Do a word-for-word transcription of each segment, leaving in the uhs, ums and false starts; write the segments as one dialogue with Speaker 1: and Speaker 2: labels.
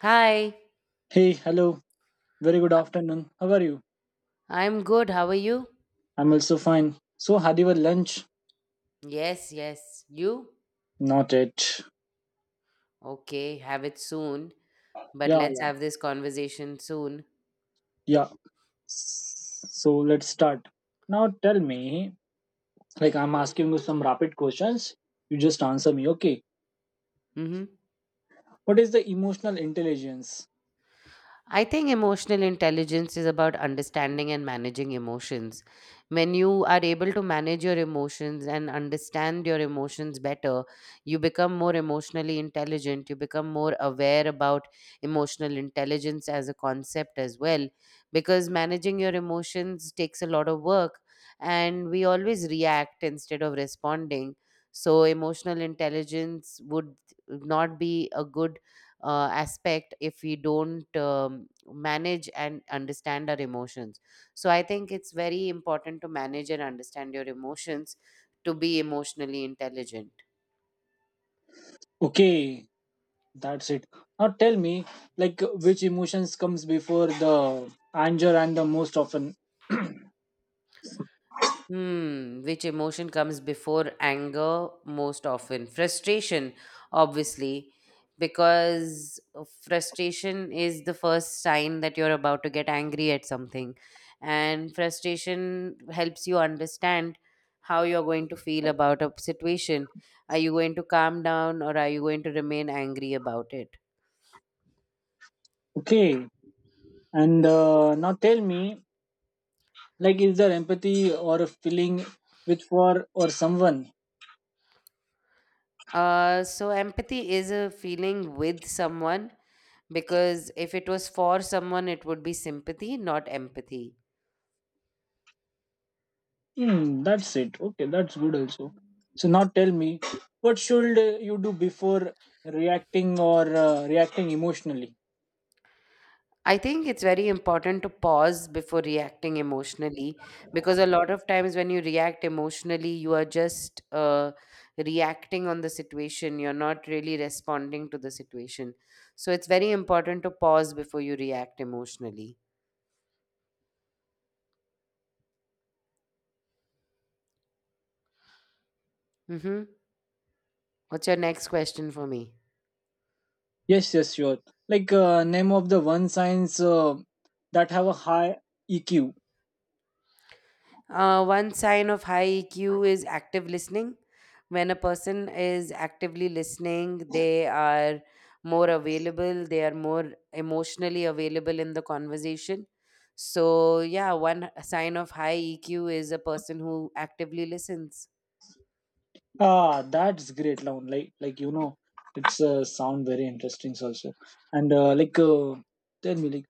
Speaker 1: Hi,
Speaker 2: Hey, hello. Very good afternoon. How are you?
Speaker 1: I'm good. How are you?
Speaker 2: I'm also fine. So, had your lunch?
Speaker 1: Yes, yes. You?
Speaker 2: Not yet.
Speaker 1: Okay, have it soon. But
Speaker 2: Yeah,
Speaker 1: let's
Speaker 2: yeah,
Speaker 1: have this conversation soon.
Speaker 2: yeah. So, let's start. Now, tell me, like, I'm asking you some rapid questions. You just answer me, okay?
Speaker 1: Mm-hmm.
Speaker 2: What is the emotional intelligence?
Speaker 1: I think emotional intelligence is about understanding and managing emotions. When you are able to manage your emotions and understand your emotions better, you become more emotionally intelligent. You become more aware about emotional intelligence as a concept as well, because managing your emotions takes a lot of work and we always react instead of responding. So emotional intelligence would not be a good uh, aspect if we don't um, manage and understand our emotions. So I think it's very important to manage and understand your emotions to be emotionally intelligent.
Speaker 2: Okay, that's it. Now, tell me, like, which emotions comes before the anger and the most often?
Speaker 1: Hmm, which emotion comes before anger most often? Frustration, obviously, because frustration is the first sign that you're about to get angry at something. And frustration helps you understand how you're going to feel about a situation. Are you going to calm down or are you going to remain angry about it?
Speaker 2: okay, and uh, now tell me, like, is there empathy or a feeling with for or someone?
Speaker 1: Uh, so, empathy is a feeling with someone because if it was for someone, it would be sympathy, not empathy.
Speaker 2: Hmm, that's it. Okay, that's good also. So now tell me, what should uh, you do before reacting or uh, reacting emotionally?
Speaker 1: I think it's very important to pause before reacting emotionally because a lot of times when you react emotionally, you are just uh, reacting on the situation. You're not really responding to the situation. So it's very important to pause before you react emotionally. Mm-hmm. What's your next question for me?
Speaker 2: Yes, yes, sure. Like, uh, name of the one signs uh, that have a high E Q.
Speaker 1: Uh, one sign of high E Q is active listening. When a person is actively listening, they are more available, they are more emotionally available in the conversation. So, yeah, one sign of high E Q is a person who actively listens.
Speaker 2: Ah, that's great, Laun. Like, like you know, it's uh, sound very interesting also. And uh, like, uh, tell me, like,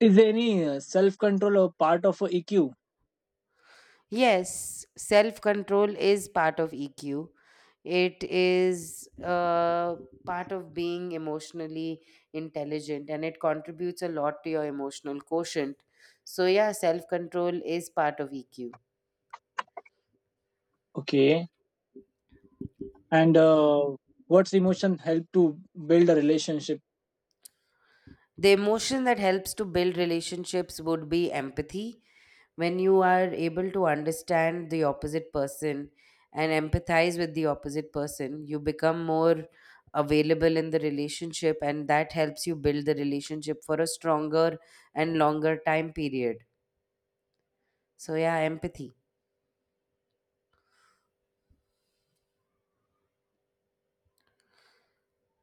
Speaker 2: is there any uh, self control or part of a E Q?
Speaker 1: Yes, self control is part of E Q. It is uh, part of being emotionally intelligent and it contributes a lot to your emotional quotient. So, yeah, self control is part of E Q.
Speaker 2: Okay, and uh, what's emotion help to build a relationship.
Speaker 1: The emotion that helps to build relationships would be empathy. When you are able to understand the opposite person and empathize with the opposite person, you become more available in the relationship, and that helps you build the relationship for a stronger and longer time period. So yeah, empathy.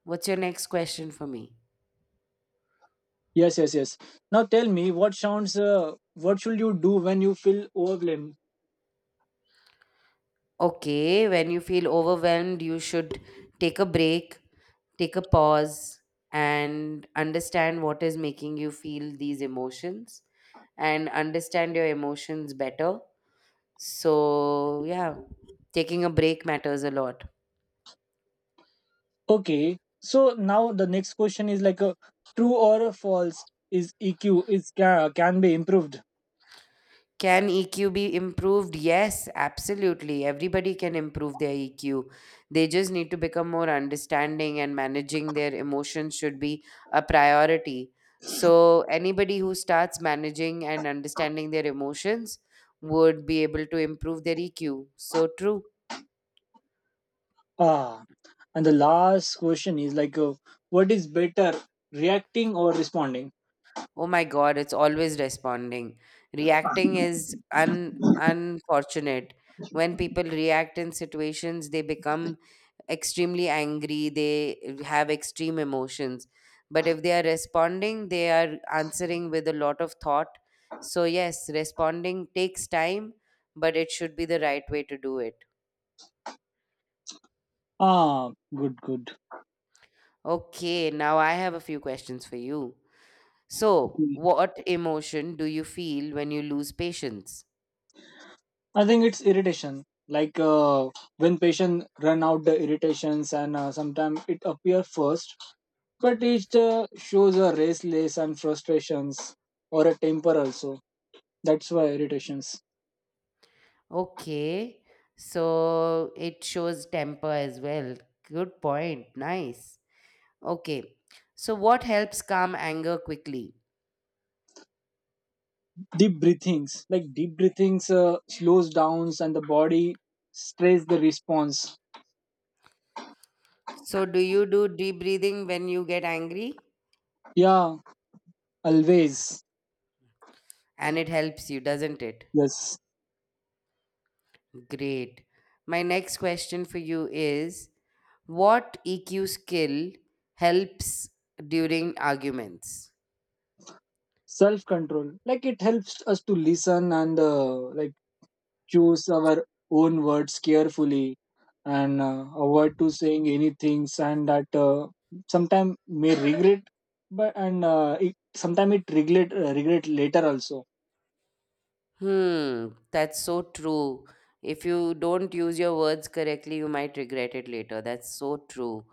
Speaker 1: What's your next question for me?
Speaker 2: Yes yes yes Now tell me what sounds uh, what should you do when you feel overwhelmed.
Speaker 1: Okay, when you feel overwhelmed, you should take a break, take a pause, and understand what is making you feel these emotions and understand your emotions better. So, yeah, taking a break matters a lot.
Speaker 2: Okay, so now the next question is like a true or false. Is EQ is can, can be improved?
Speaker 1: Can E Q be improved? Yes, absolutely. Everybody can improve their E Q. They just need to become more understanding, and managing their emotions should be a priority. So anybody who starts managing and understanding their emotions would be able to improve their E Q. So true.
Speaker 2: Ah, and the last question is like uh, what is better, reacting or responding?
Speaker 1: Oh my God, it's always responding. Reacting is un- unfortunate. When people react in situations, they become extremely angry, they have extreme emotions. But if they are responding, they are answering with a lot of thought. So, yes, responding takes time, but it should be the right way to do it.
Speaker 2: Ah, good good
Speaker 1: Okay, now I have a few questions for you. So, what emotion do you feel when you lose patience?
Speaker 2: I think it's irritation. Like uh, when patients run out the irritations, and uh, sometimes it appears first, but it uh, shows a restless and frustrations or a temper also. That's why irritations.
Speaker 1: Okay, so it shows temper as well. Good point. Nice. Okay, so what helps calm anger quickly?
Speaker 2: Deep breathings, like deep breathings, uh, slows downs and the body strays the response.
Speaker 1: So, do you do deep breathing when you get angry?
Speaker 2: Yeah, always.
Speaker 1: And it helps you, doesn't it?
Speaker 2: Yes,
Speaker 1: Great. My next question for you is, what E Q skill helps during arguments?
Speaker 2: self control. Like it helps us to listen and uh, like choose our own words carefully and uh, avoid to saying anything and that uh, sometime may regret but and uh, it sometime it regret uh, regret later also.
Speaker 1: Hmm, that's so true. If you don't use your words correctly, you might regret it later. That's so true.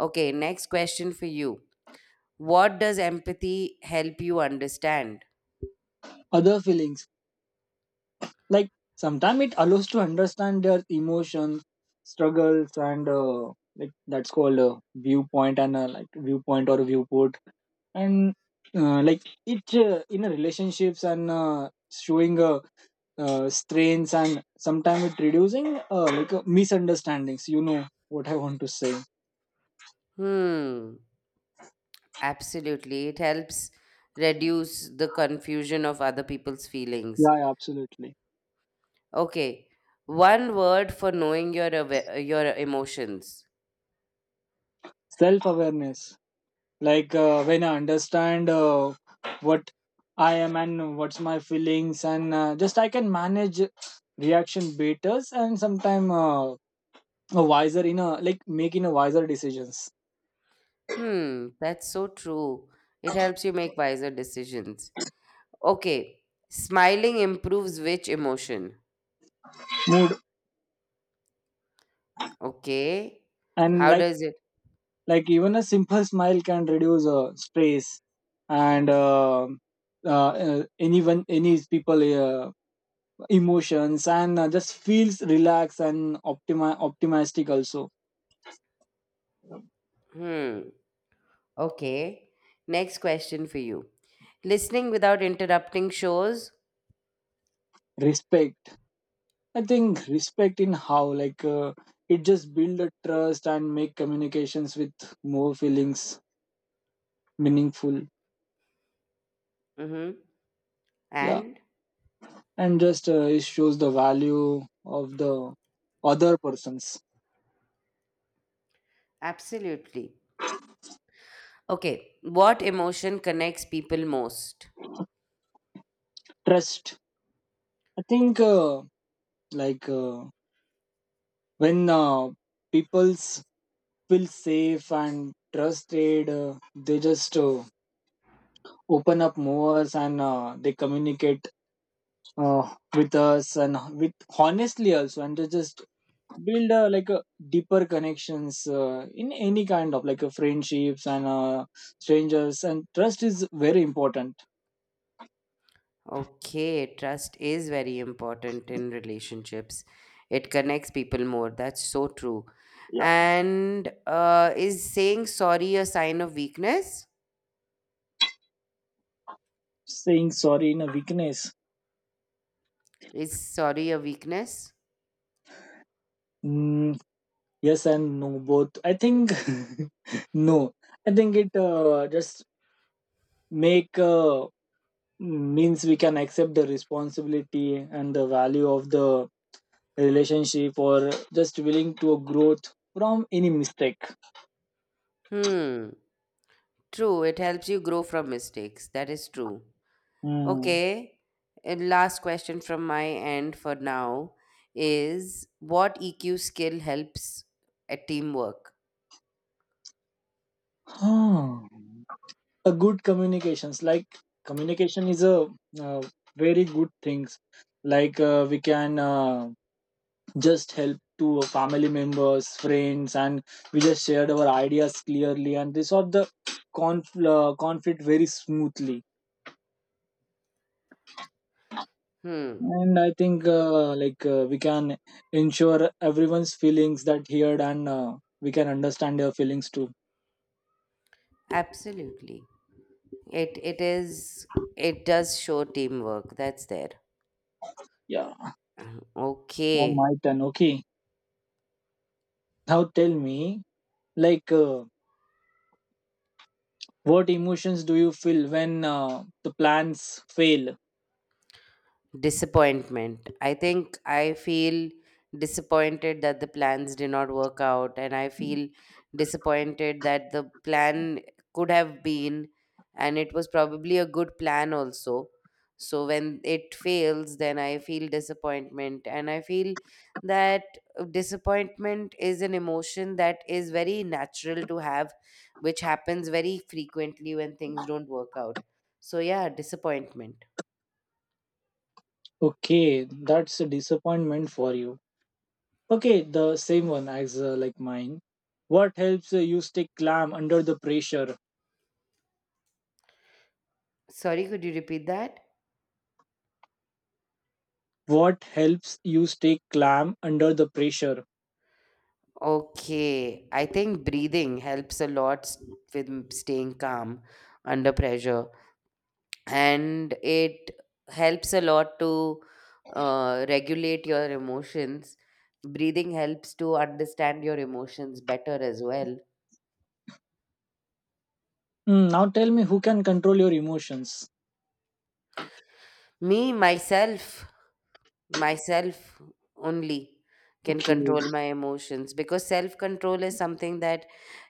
Speaker 1: Okay, next question for you. What does empathy help you understand?
Speaker 2: Other feelings, like sometime it allows to understand their emotions, struggles and uh, like that's called a viewpoint and uh, like viewpoint or viewport and uh, like it uh, in a relationships and uh, showing uh, uh, strains and sometimes it reducing uh, like uh, misunderstandings, you know what I want to say.
Speaker 1: Hmm. Absolutely. It helps reduce the confusion of other people's feelings.
Speaker 2: Yeah, yeah, absolutely.
Speaker 1: Okay. One word for knowing your awa- your emotions.
Speaker 2: Self awareness, like uh, when I understand uh, what I am and what's my feelings and uh, just I can manage reaction better and sometimes uh, a wiser in a like making a wiser decisions.
Speaker 1: Hmm, that's so true. It helps you make wiser decisions. Okay. Smiling improves which emotion?
Speaker 2: Mood.
Speaker 1: Okay.
Speaker 2: And
Speaker 1: How
Speaker 2: like
Speaker 1: does it?
Speaker 2: like even a simple smile can reduce uh, stress and uh, uh, uh, anyone any people uh, emotions and uh, just feels relaxed and optimi- optimistic also.
Speaker 1: Hmm. Okay. Next question for you. Listening without interrupting shows.
Speaker 2: Respect. I think respect in how like uh, it just build a trust and make communications with more feelings meaningful.
Speaker 1: Mm-hmm.
Speaker 2: Yeah,
Speaker 1: And
Speaker 2: and just uh, it shows the value of the other person's.
Speaker 1: absolutely. Okay, what emotion connects people most?
Speaker 2: Trust. I think uh, like uh, when uh, people s- feel safe and trusted uh, they just uh, open up more and uh, they communicate uh, with us and with honestly also and they just build uh, like a deeper connections uh, in any kind of like a friendships and uh, strangers, and trust is very important.
Speaker 1: Okay, trust is very important in relationships. It connects people more. That's so true.
Speaker 2: Yeah.
Speaker 1: And uh, is saying sorry a sign of weakness?
Speaker 2: Saying sorry in a weakness.
Speaker 1: Is sorry a weakness?
Speaker 2: mm, yes and no both I think. No, I think it uh, just make uh, means we can accept the responsibility and the value of the relationship or just willing to growth from any mistake.
Speaker 1: Hmm, true. It helps you grow from mistakes. That is true.
Speaker 2: Hmm.
Speaker 1: Okay, and last question from my end for now is, what E Q skill helps at teamwork?
Speaker 2: Hmm. A good communications, like communication is a uh, very good things, like uh, we can uh, just help to family members, friends, and we just shared our ideas clearly and this sort the conf- uh, conflict very smoothly.
Speaker 1: Hmm.
Speaker 2: And I think uh, like uh, we can ensure everyone's feelings that heard and uh, we can understand their feelings too.
Speaker 1: Absolutely. It it is, it does show teamwork. That's there.
Speaker 2: Yeah.
Speaker 1: Uh,
Speaker 2: Now
Speaker 1: Okay.
Speaker 2: my turn, okay. Now tell me, like uh, what emotions do you feel when uh, the plans fail.
Speaker 1: Disappointment. I think I feel disappointed that the plans did not work out, and I feel disappointed that the plan could have been, and it was probably a good plan also. So when it fails, then I feel disappointment, and I feel that disappointment is an emotion that is very natural to have, which happens very frequently when things don't work out. So, yeah, disappointment.
Speaker 2: Okay, that's a disappointment for you. Okay, the same one as uh, like mine. What helps uh, you stay calm under the pressure?
Speaker 1: Sorry, could you repeat that?
Speaker 2: What helps you stay calm under the pressure?
Speaker 1: Okay, I think breathing helps a lot s- with m- staying calm under pressure, and it helps a lot to uh, regulate your emotions. Breathing helps to understand your emotions better as well.
Speaker 2: Mm, now tell me, who can control your emotions?
Speaker 1: Me, myself, myself only can
Speaker 2: Okay.
Speaker 1: control my emotions because self control is something that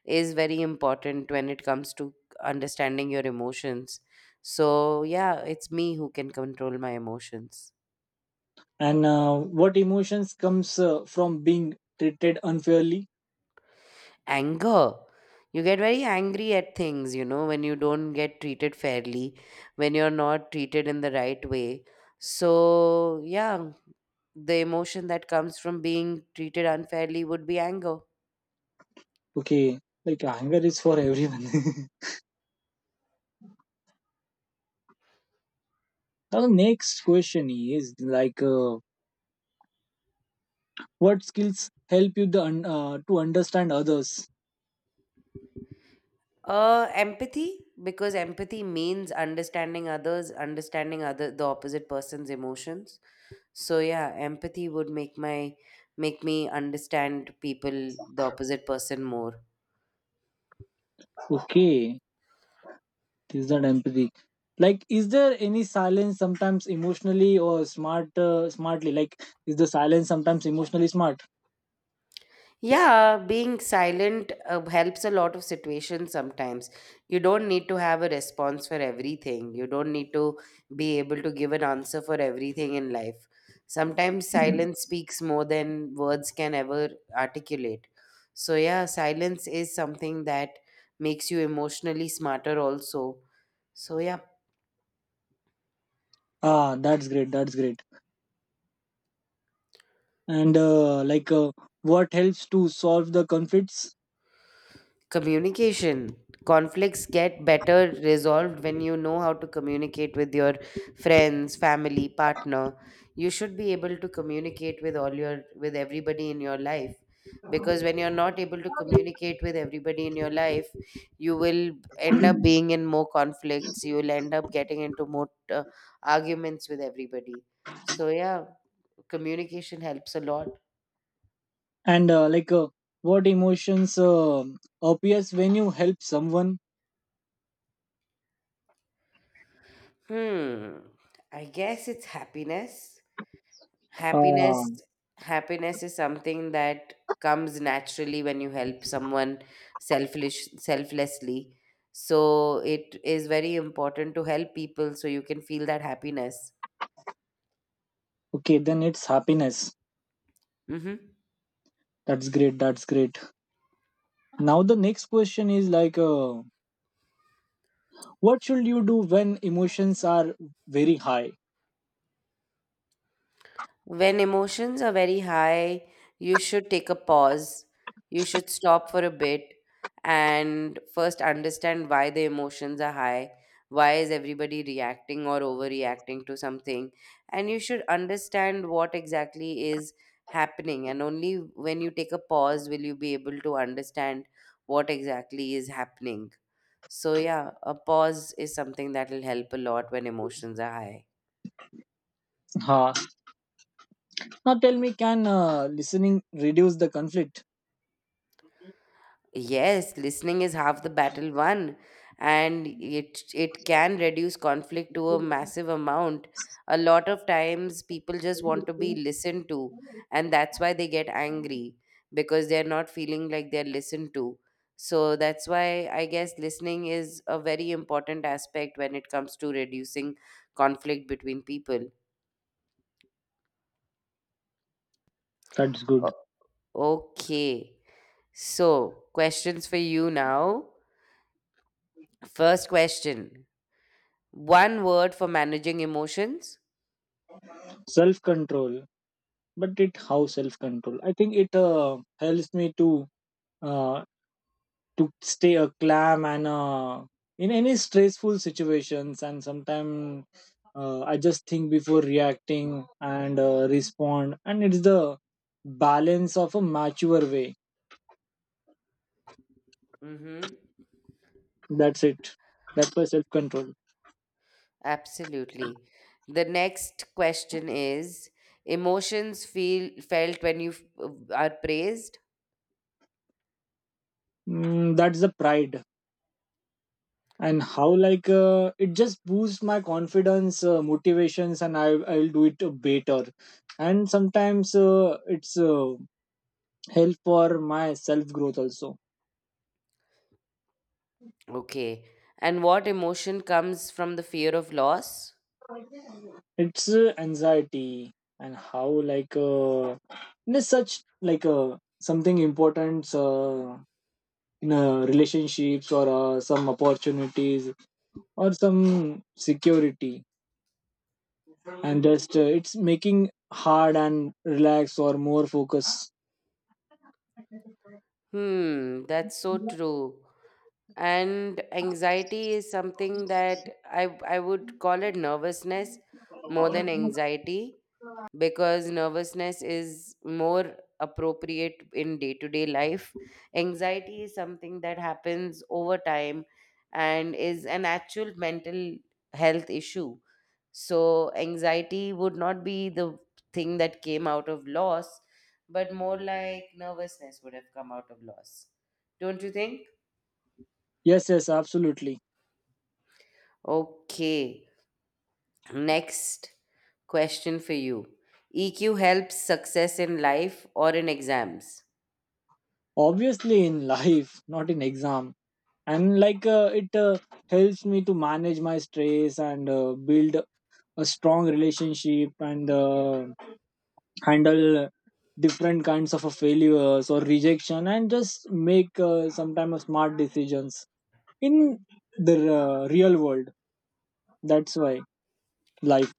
Speaker 1: is very important when it comes to understanding your emotions. So yeah, it's me who can control my emotions.
Speaker 2: And uh, what emotions comes uh, from being treated unfairly?
Speaker 1: Anger. You get very angry at things, you know, when you don't get treated fairly, when you're not treated in the right way. So yeah, the emotion that comes from being treated unfairly would be anger.
Speaker 2: Okay, like anger is for everyone. Now the next question is like, uh, what skills help you the un- uh, to understand others?
Speaker 1: Uh, empathy, because empathy means understanding others, understanding other the opposite person's emotions. So yeah, empathy would make my make me understand people, the opposite person more.
Speaker 2: Okay, is that empathy? Like, is there any silence sometimes emotionally or smart uh, smartly? Like, is the silence sometimes emotionally smart?
Speaker 1: Yeah, being silent uh, helps a lot of situations sometimes. You don't need to have a response for everything. You don't need to be able to give an answer for everything in life. Sometimes silence speaks more than words can ever articulate. So, yeah, silence is something that makes you emotionally smarter, also. So, yeah.
Speaker 2: Ah, that's great. That's great. And uh, like, uh, what helps to solve the conflicts?
Speaker 1: Communication. Conflicts get better resolved when you know how to communicate with your friends, family, partner. You should be able to communicate with all your with everybody in your life, because when you're not able to communicate with everybody in your life, you will end up being in more conflicts, you will end up getting into more uh, arguments with everybody. So yeah, communication helps a lot.
Speaker 2: And uh, like uh, what emotions uh, appears when you help someone.
Speaker 1: Hmm, I guess it's happiness.
Speaker 2: uh,
Speaker 1: Happiness. Happiness is something that comes naturally when you help someone selfish selflessly. So it is very important to help people so you can feel that happiness.
Speaker 2: okay, then it's happiness.
Speaker 1: Mm-hmm.
Speaker 2: That's great, that's great. Now the next question is like uh, what should you do when emotions are very high.
Speaker 1: When emotions are very high, you should take a pause. You should stop for a bit and first understand why the emotions are high. Why is everybody reacting or overreacting to something? And you should understand what exactly is happening. And only when you take a pause will you be able to understand what exactly is happening. So, yeah, a pause is something that will help a lot when emotions are high.
Speaker 2: Ha. Now tell me, can uh, listening reduce the conflict?
Speaker 1: Yes, listening is half the battle won, and it it can reduce conflict to a massive amount. A lot of times people just want to be listened to, and that's why they get angry because they're not feeling like they're listened to. So that's why I guess listening is a very important aspect when it comes to reducing conflict between people.
Speaker 2: That's good.
Speaker 1: O- okay. So, questions for you now. First question. One word for managing emotions?
Speaker 2: Self control. But it, how self control, I think it uh, helps me to uh, to stay a calm and uh, in any stressful situations and sometimes uh, I just think before reacting and uh, respond and it's the balance of a mature way.
Speaker 1: Mm-hmm.
Speaker 2: That's it, that's my self-control.
Speaker 1: Absolutely. The next question is, emotions feel felt when you f- are praised?
Speaker 2: mm, that's the pride. And how, like uh, it just boosts my confidence uh, motivations and i I'll do it uh, better. And sometimes uh, it's uh, help for my self growth also.
Speaker 1: Okay. And what emotion comes from the fear of loss?
Speaker 2: It's uh, anxiety. And how like uh, in a such like uh, something important uh, in uh, relationships or uh, some opportunities or some security, and just uh, it's making hard and relax or more focus.
Speaker 1: Hmm, that's so true. And anxiety is something that i i would call it nervousness more than anxiety, because nervousness is more appropriate in day to day life. Anxiety is something that happens over time and is an actual mental health issue. So anxiety would not be the thing that came out of loss, but more like nervousness would have come out of loss. Don't you think?
Speaker 2: Yes, yes, absolutely.
Speaker 1: Okay. Next question for you. E Q helps success in life or in exams?
Speaker 2: Obviously in life, not in exam. And like uh, it uh, helps me to manage my stress and uh, build a strong relationship and uh, handle different kinds of a failures or rejection and just make uh, sometimes smart decisions in the uh, real world. That's why life.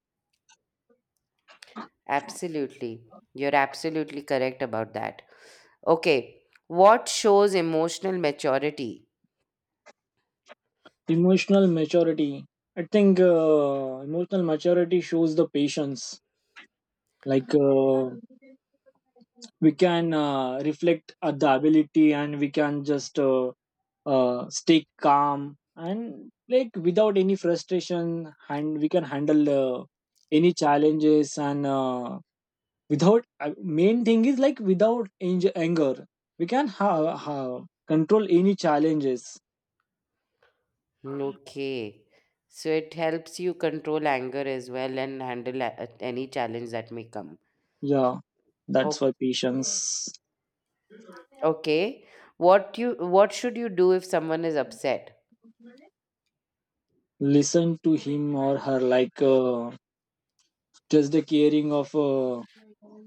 Speaker 1: Absolutely. You're absolutely correct about that. Okay. What shows emotional maturity?
Speaker 2: Emotional maturity. I think uh, emotional maturity shows the patience. Like uh, we can uh, reflect at the ability and we can just uh, uh, stay calm and like without any frustration. And we can handle uh, any challenges and uh, without uh, main thing is like without ang- anger, we can have, have control any challenges.
Speaker 1: Okay. So it helps you control anger as well and handle a- any challenge that may come.
Speaker 2: Yeah, that's
Speaker 1: O-
Speaker 2: why patience.
Speaker 1: Okay. What you what should you do if someone is upset?
Speaker 2: Listen to him or her, like uh, just the caring of uh,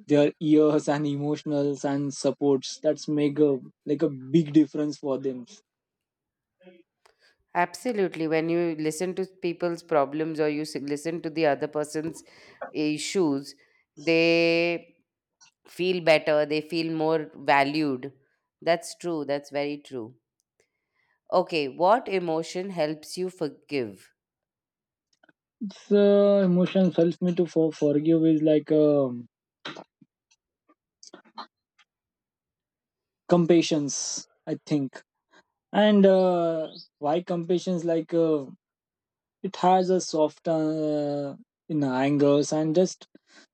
Speaker 2: their ears and emotionals and supports, that's make a like a big difference for them.
Speaker 1: Absolutely. When you listen to people's problems or you s- listen to the other person's issues, they feel better, they feel more valued. That's true. That's very true. Okay, what emotion helps you forgive?
Speaker 2: So emotions helps me to for, forgive is like um compassions I think. And uh, why compassions, like uh, it has a soft uh, in angles and just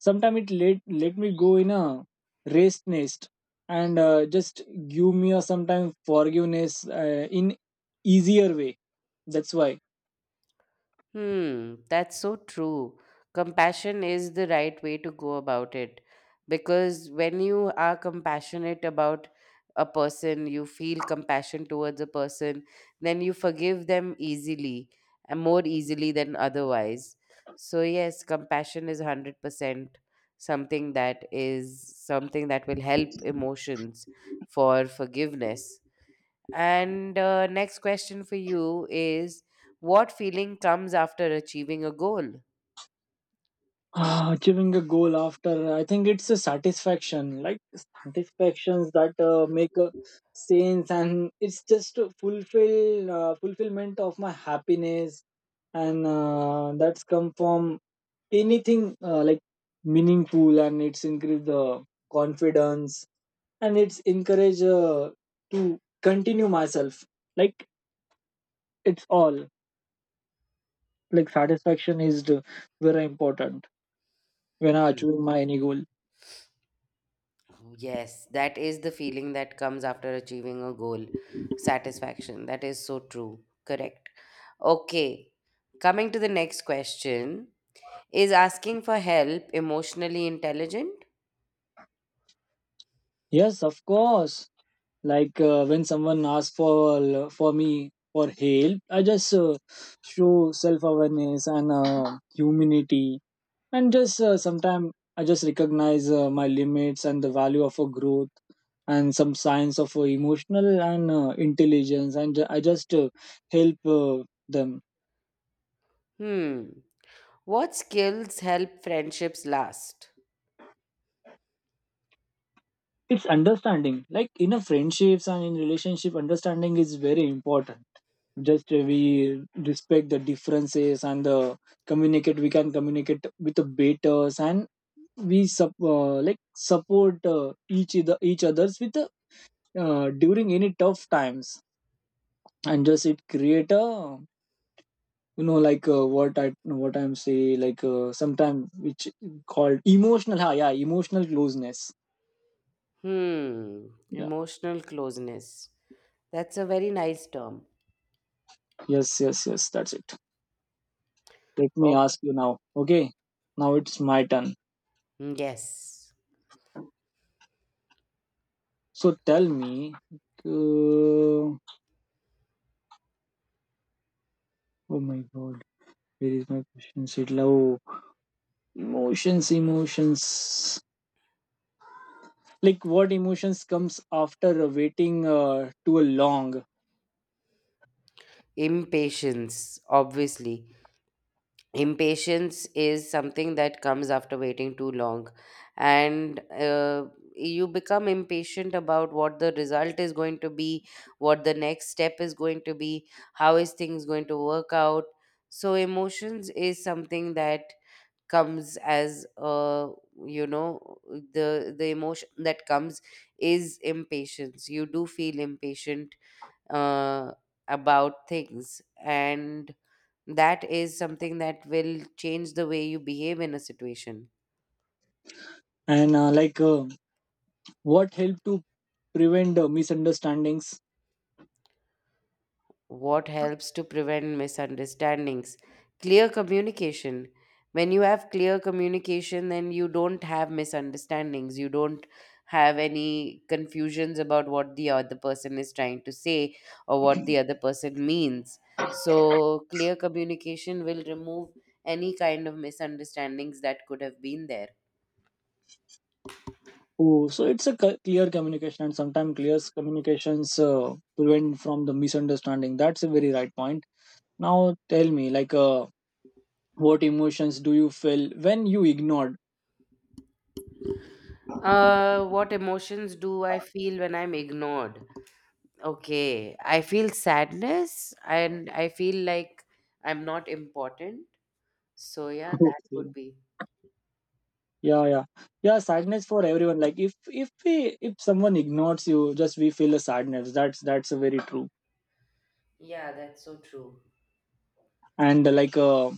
Speaker 2: sometimes it let let me go in a race nest, and uh, just give me a sometimes forgiveness uh, in easier way. That's why.
Speaker 1: Hmm, that's so true. Compassion is the right way to go about it because when you are compassionate about a person, you feel compassion towards a person, then you forgive them easily and more easily than otherwise. So, yes, compassion is one hundred percent something that is something that will help emotions for forgiveness. And uh, next question for you is, what feeling comes after achieving a goal?
Speaker 2: Ah, achieving a goal, after I think it's a satisfaction, like satisfactions that uh, make a sense, and it's just a fulfill uh, fulfillment of my happiness, and uh, that's come from anything uh, like meaningful, and it's increase the confidence, and it's encourage uh, to continue myself. Like it's all like satisfaction is the very important when I
Speaker 1: Hmm.
Speaker 2: achieve my any goal.
Speaker 1: Yes, that is the feeling that comes after achieving a goal. Satisfaction. That is so true. Correct. Okay. Coming to the next question, is asking for help emotionally intelligent?
Speaker 2: Yes, of course. Like uh, when someone asks for for me for help, I just uh, show self awareness and uh, humanity, and just uh, sometimes I just recognize uh, my limits and the value of a growth and some signs of uh, emotional and uh, intelligence, and ju- I just uh, help uh, them.
Speaker 1: Hmm. What skills help friendships last?
Speaker 2: It's understanding. Like in a friendships and in relationship, understanding is very important. Just uh, we respect the differences and uh, communicate, we can communicate with the betters, and we sup uh, like support uh, each other each others with the uh, during any tough times. And just it create a, you know, like uh, what I what I'm say, like uh, sometime which called emotional ha, yeah, emotional closeness.
Speaker 1: Hmm.
Speaker 2: Yeah.
Speaker 1: Emotional closeness. That's a very nice term.
Speaker 2: Yes, yes, yes, that's it. Let me
Speaker 1: Okay.
Speaker 2: ask you now. Okay, now it's my turn.
Speaker 1: Mm, yes.
Speaker 2: So tell me, uh, oh my god, where is my question it love emotions. Emotions, like what emotions comes after waiting uh, too long.
Speaker 1: Impatience, obviously. Impatience is something that comes after waiting too long. And uh, You become impatient about what the result is going to be, what the next step is going to be, how is things going to work out. So, emotions is something that comes as uh you know the the emotion that comes is impatience. You do feel impatient uh, about things. And that is something that will change the way you behave in a situation.
Speaker 2: And uh, like uh, what help to prevent uh, misunderstandings.
Speaker 1: What helps to prevent misunderstandings? Clear communication. When you have clear communication, then you don't have misunderstandings. You don't have any confusions about what the other person is trying to say or what the other person means. So, clear communication will remove any kind of misunderstandings that could have been there.
Speaker 2: Oh, so it's a c- clear communication, and sometimes clear communications uh, prevent from the misunderstanding. That's a very right point. Now tell me, like uh, what emotions do you feel when you ignored.
Speaker 1: Uh, what emotions do I feel when I'm ignored? Okay, I feel sadness and I feel like I'm not important. So, yeah, that
Speaker 2: Okay,
Speaker 1: would be.
Speaker 2: yeah, yeah, yeah, sadness for everyone. Like if if we, if someone ignores you, just we feel a sadness. that's that's a very true.
Speaker 1: Yeah, that's so true.
Speaker 2: And uh, like uh,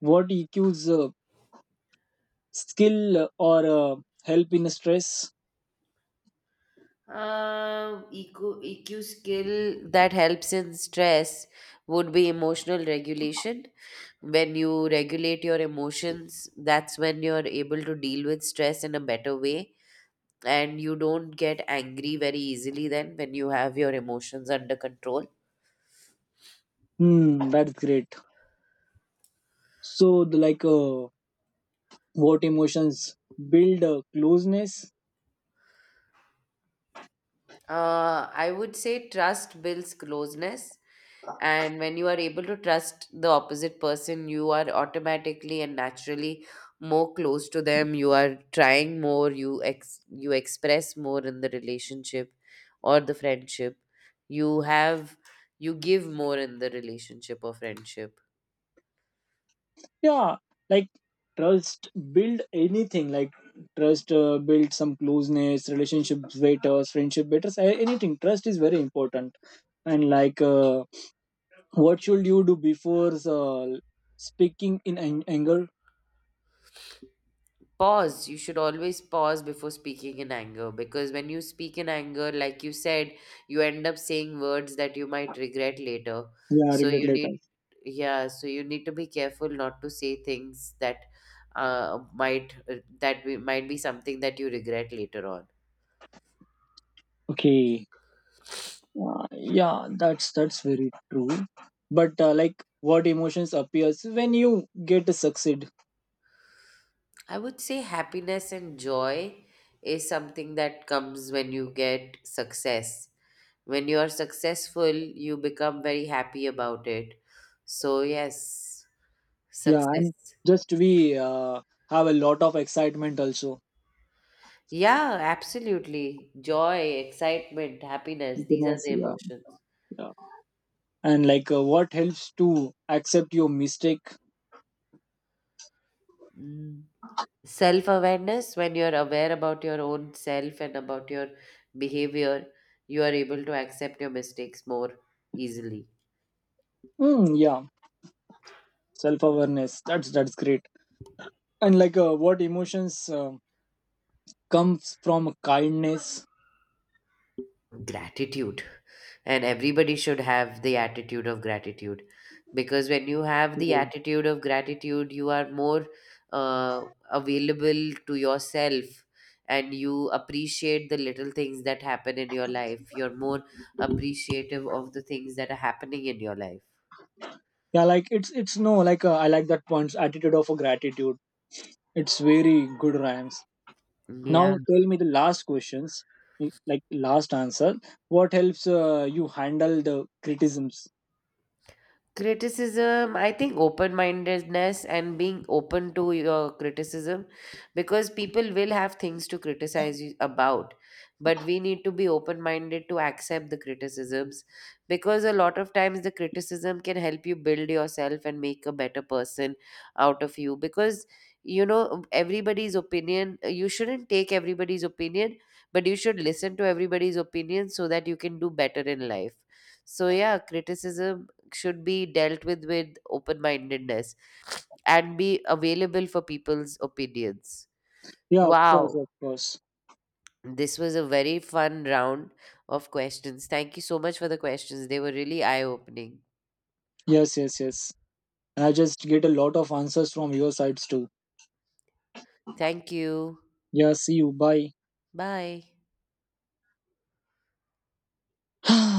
Speaker 2: what eqs uh, skill or uh, help in stress.
Speaker 1: Uh, E Q, E Q skill that helps in stress would be emotional regulation. When you regulate your emotions, that's when you're able to deal with stress in a better way and you don't get angry very easily then when you have your emotions under control.
Speaker 2: Hmm, that's great. So the, like uh, what emotions build uh, closeness.
Speaker 1: Uh, I would say trust builds closeness, and when you are able to trust the opposite person, you are automatically and naturally more close to them. You are trying more. You ex you express more in the relationship or the friendship. You have you give more in the relationship or friendship.
Speaker 2: Yeah, like trust build anything, like trust uh, build some closeness, relationships betters, friendship betters, a- anything, trust is very important. And like uh, what should you do before uh, speaking in an- anger.
Speaker 1: Pause. You should always pause before speaking in anger because when you speak in anger, like you said, you end up saying words that you might regret later.
Speaker 2: Yeah,
Speaker 1: So
Speaker 2: regret
Speaker 1: you
Speaker 2: later.
Speaker 1: need, yeah, so you need to be careful not to say things that uh, might uh, that we, might be something that you regret later on.
Speaker 2: Okay. uh, yeah, that's that's very true. But uh, like what emotions appears when you get to succeed.
Speaker 1: I would say happiness and joy is something that comes when you get success. When you are successful, you become very happy about it. So, yes.
Speaker 2: Yeah, and
Speaker 1: Success.
Speaker 2: just we uh, have a lot of excitement also.
Speaker 1: Yeah, absolutely. Joy, excitement, happiness, these are
Speaker 2: Happiness,
Speaker 1: the
Speaker 2: yeah,
Speaker 1: emotions.
Speaker 2: yeah. And like, uh, what helps to accept your mistake?
Speaker 1: Mm. Self awareness, when you're aware about your own self and about your behavior, you are able to accept your mistakes more easily.
Speaker 2: Mm, yeah, self-awareness. That's that's great. And like, uh, what emotions uh, comes from kindness?
Speaker 1: Gratitude, and everybody should have the attitude of gratitude, because when you have the
Speaker 2: Mhm.
Speaker 1: attitude of gratitude you are more uh, available to yourself and you appreciate the little things that happen in your life. You're more appreciative of the things that are happening in your life.
Speaker 2: Yeah, like it's it's no like uh, I like that point. Attitude of gratitude. It's very good rhymes. Now
Speaker 1: Yeah.
Speaker 2: tell me the last questions, like last answer. What helps uh, you handle the criticisms?
Speaker 1: Criticism, I think open mindedness and being open to your criticism, because people will have things to criticize you about, but we need to be open minded to accept the criticisms, because a lot of times the criticism can help you build yourself and make a better person out of you, because you know everybody's opinion you shouldn't take everybody's opinion, but you should listen to everybody's opinion so that you can do better in life. So yeah, criticism should be dealt with with open mindedness and be available for people's opinions.
Speaker 2: Yeah, of course,
Speaker 1: Wow.
Speaker 2: of course.
Speaker 1: This was a very fun round of questions. Thank you so much for the questions. They were really eye opening.
Speaker 2: Yes, yes, yes. I just get a lot of answers from your sides too.
Speaker 1: Thank you.
Speaker 2: Yeah, see you. Bye.
Speaker 1: Bye.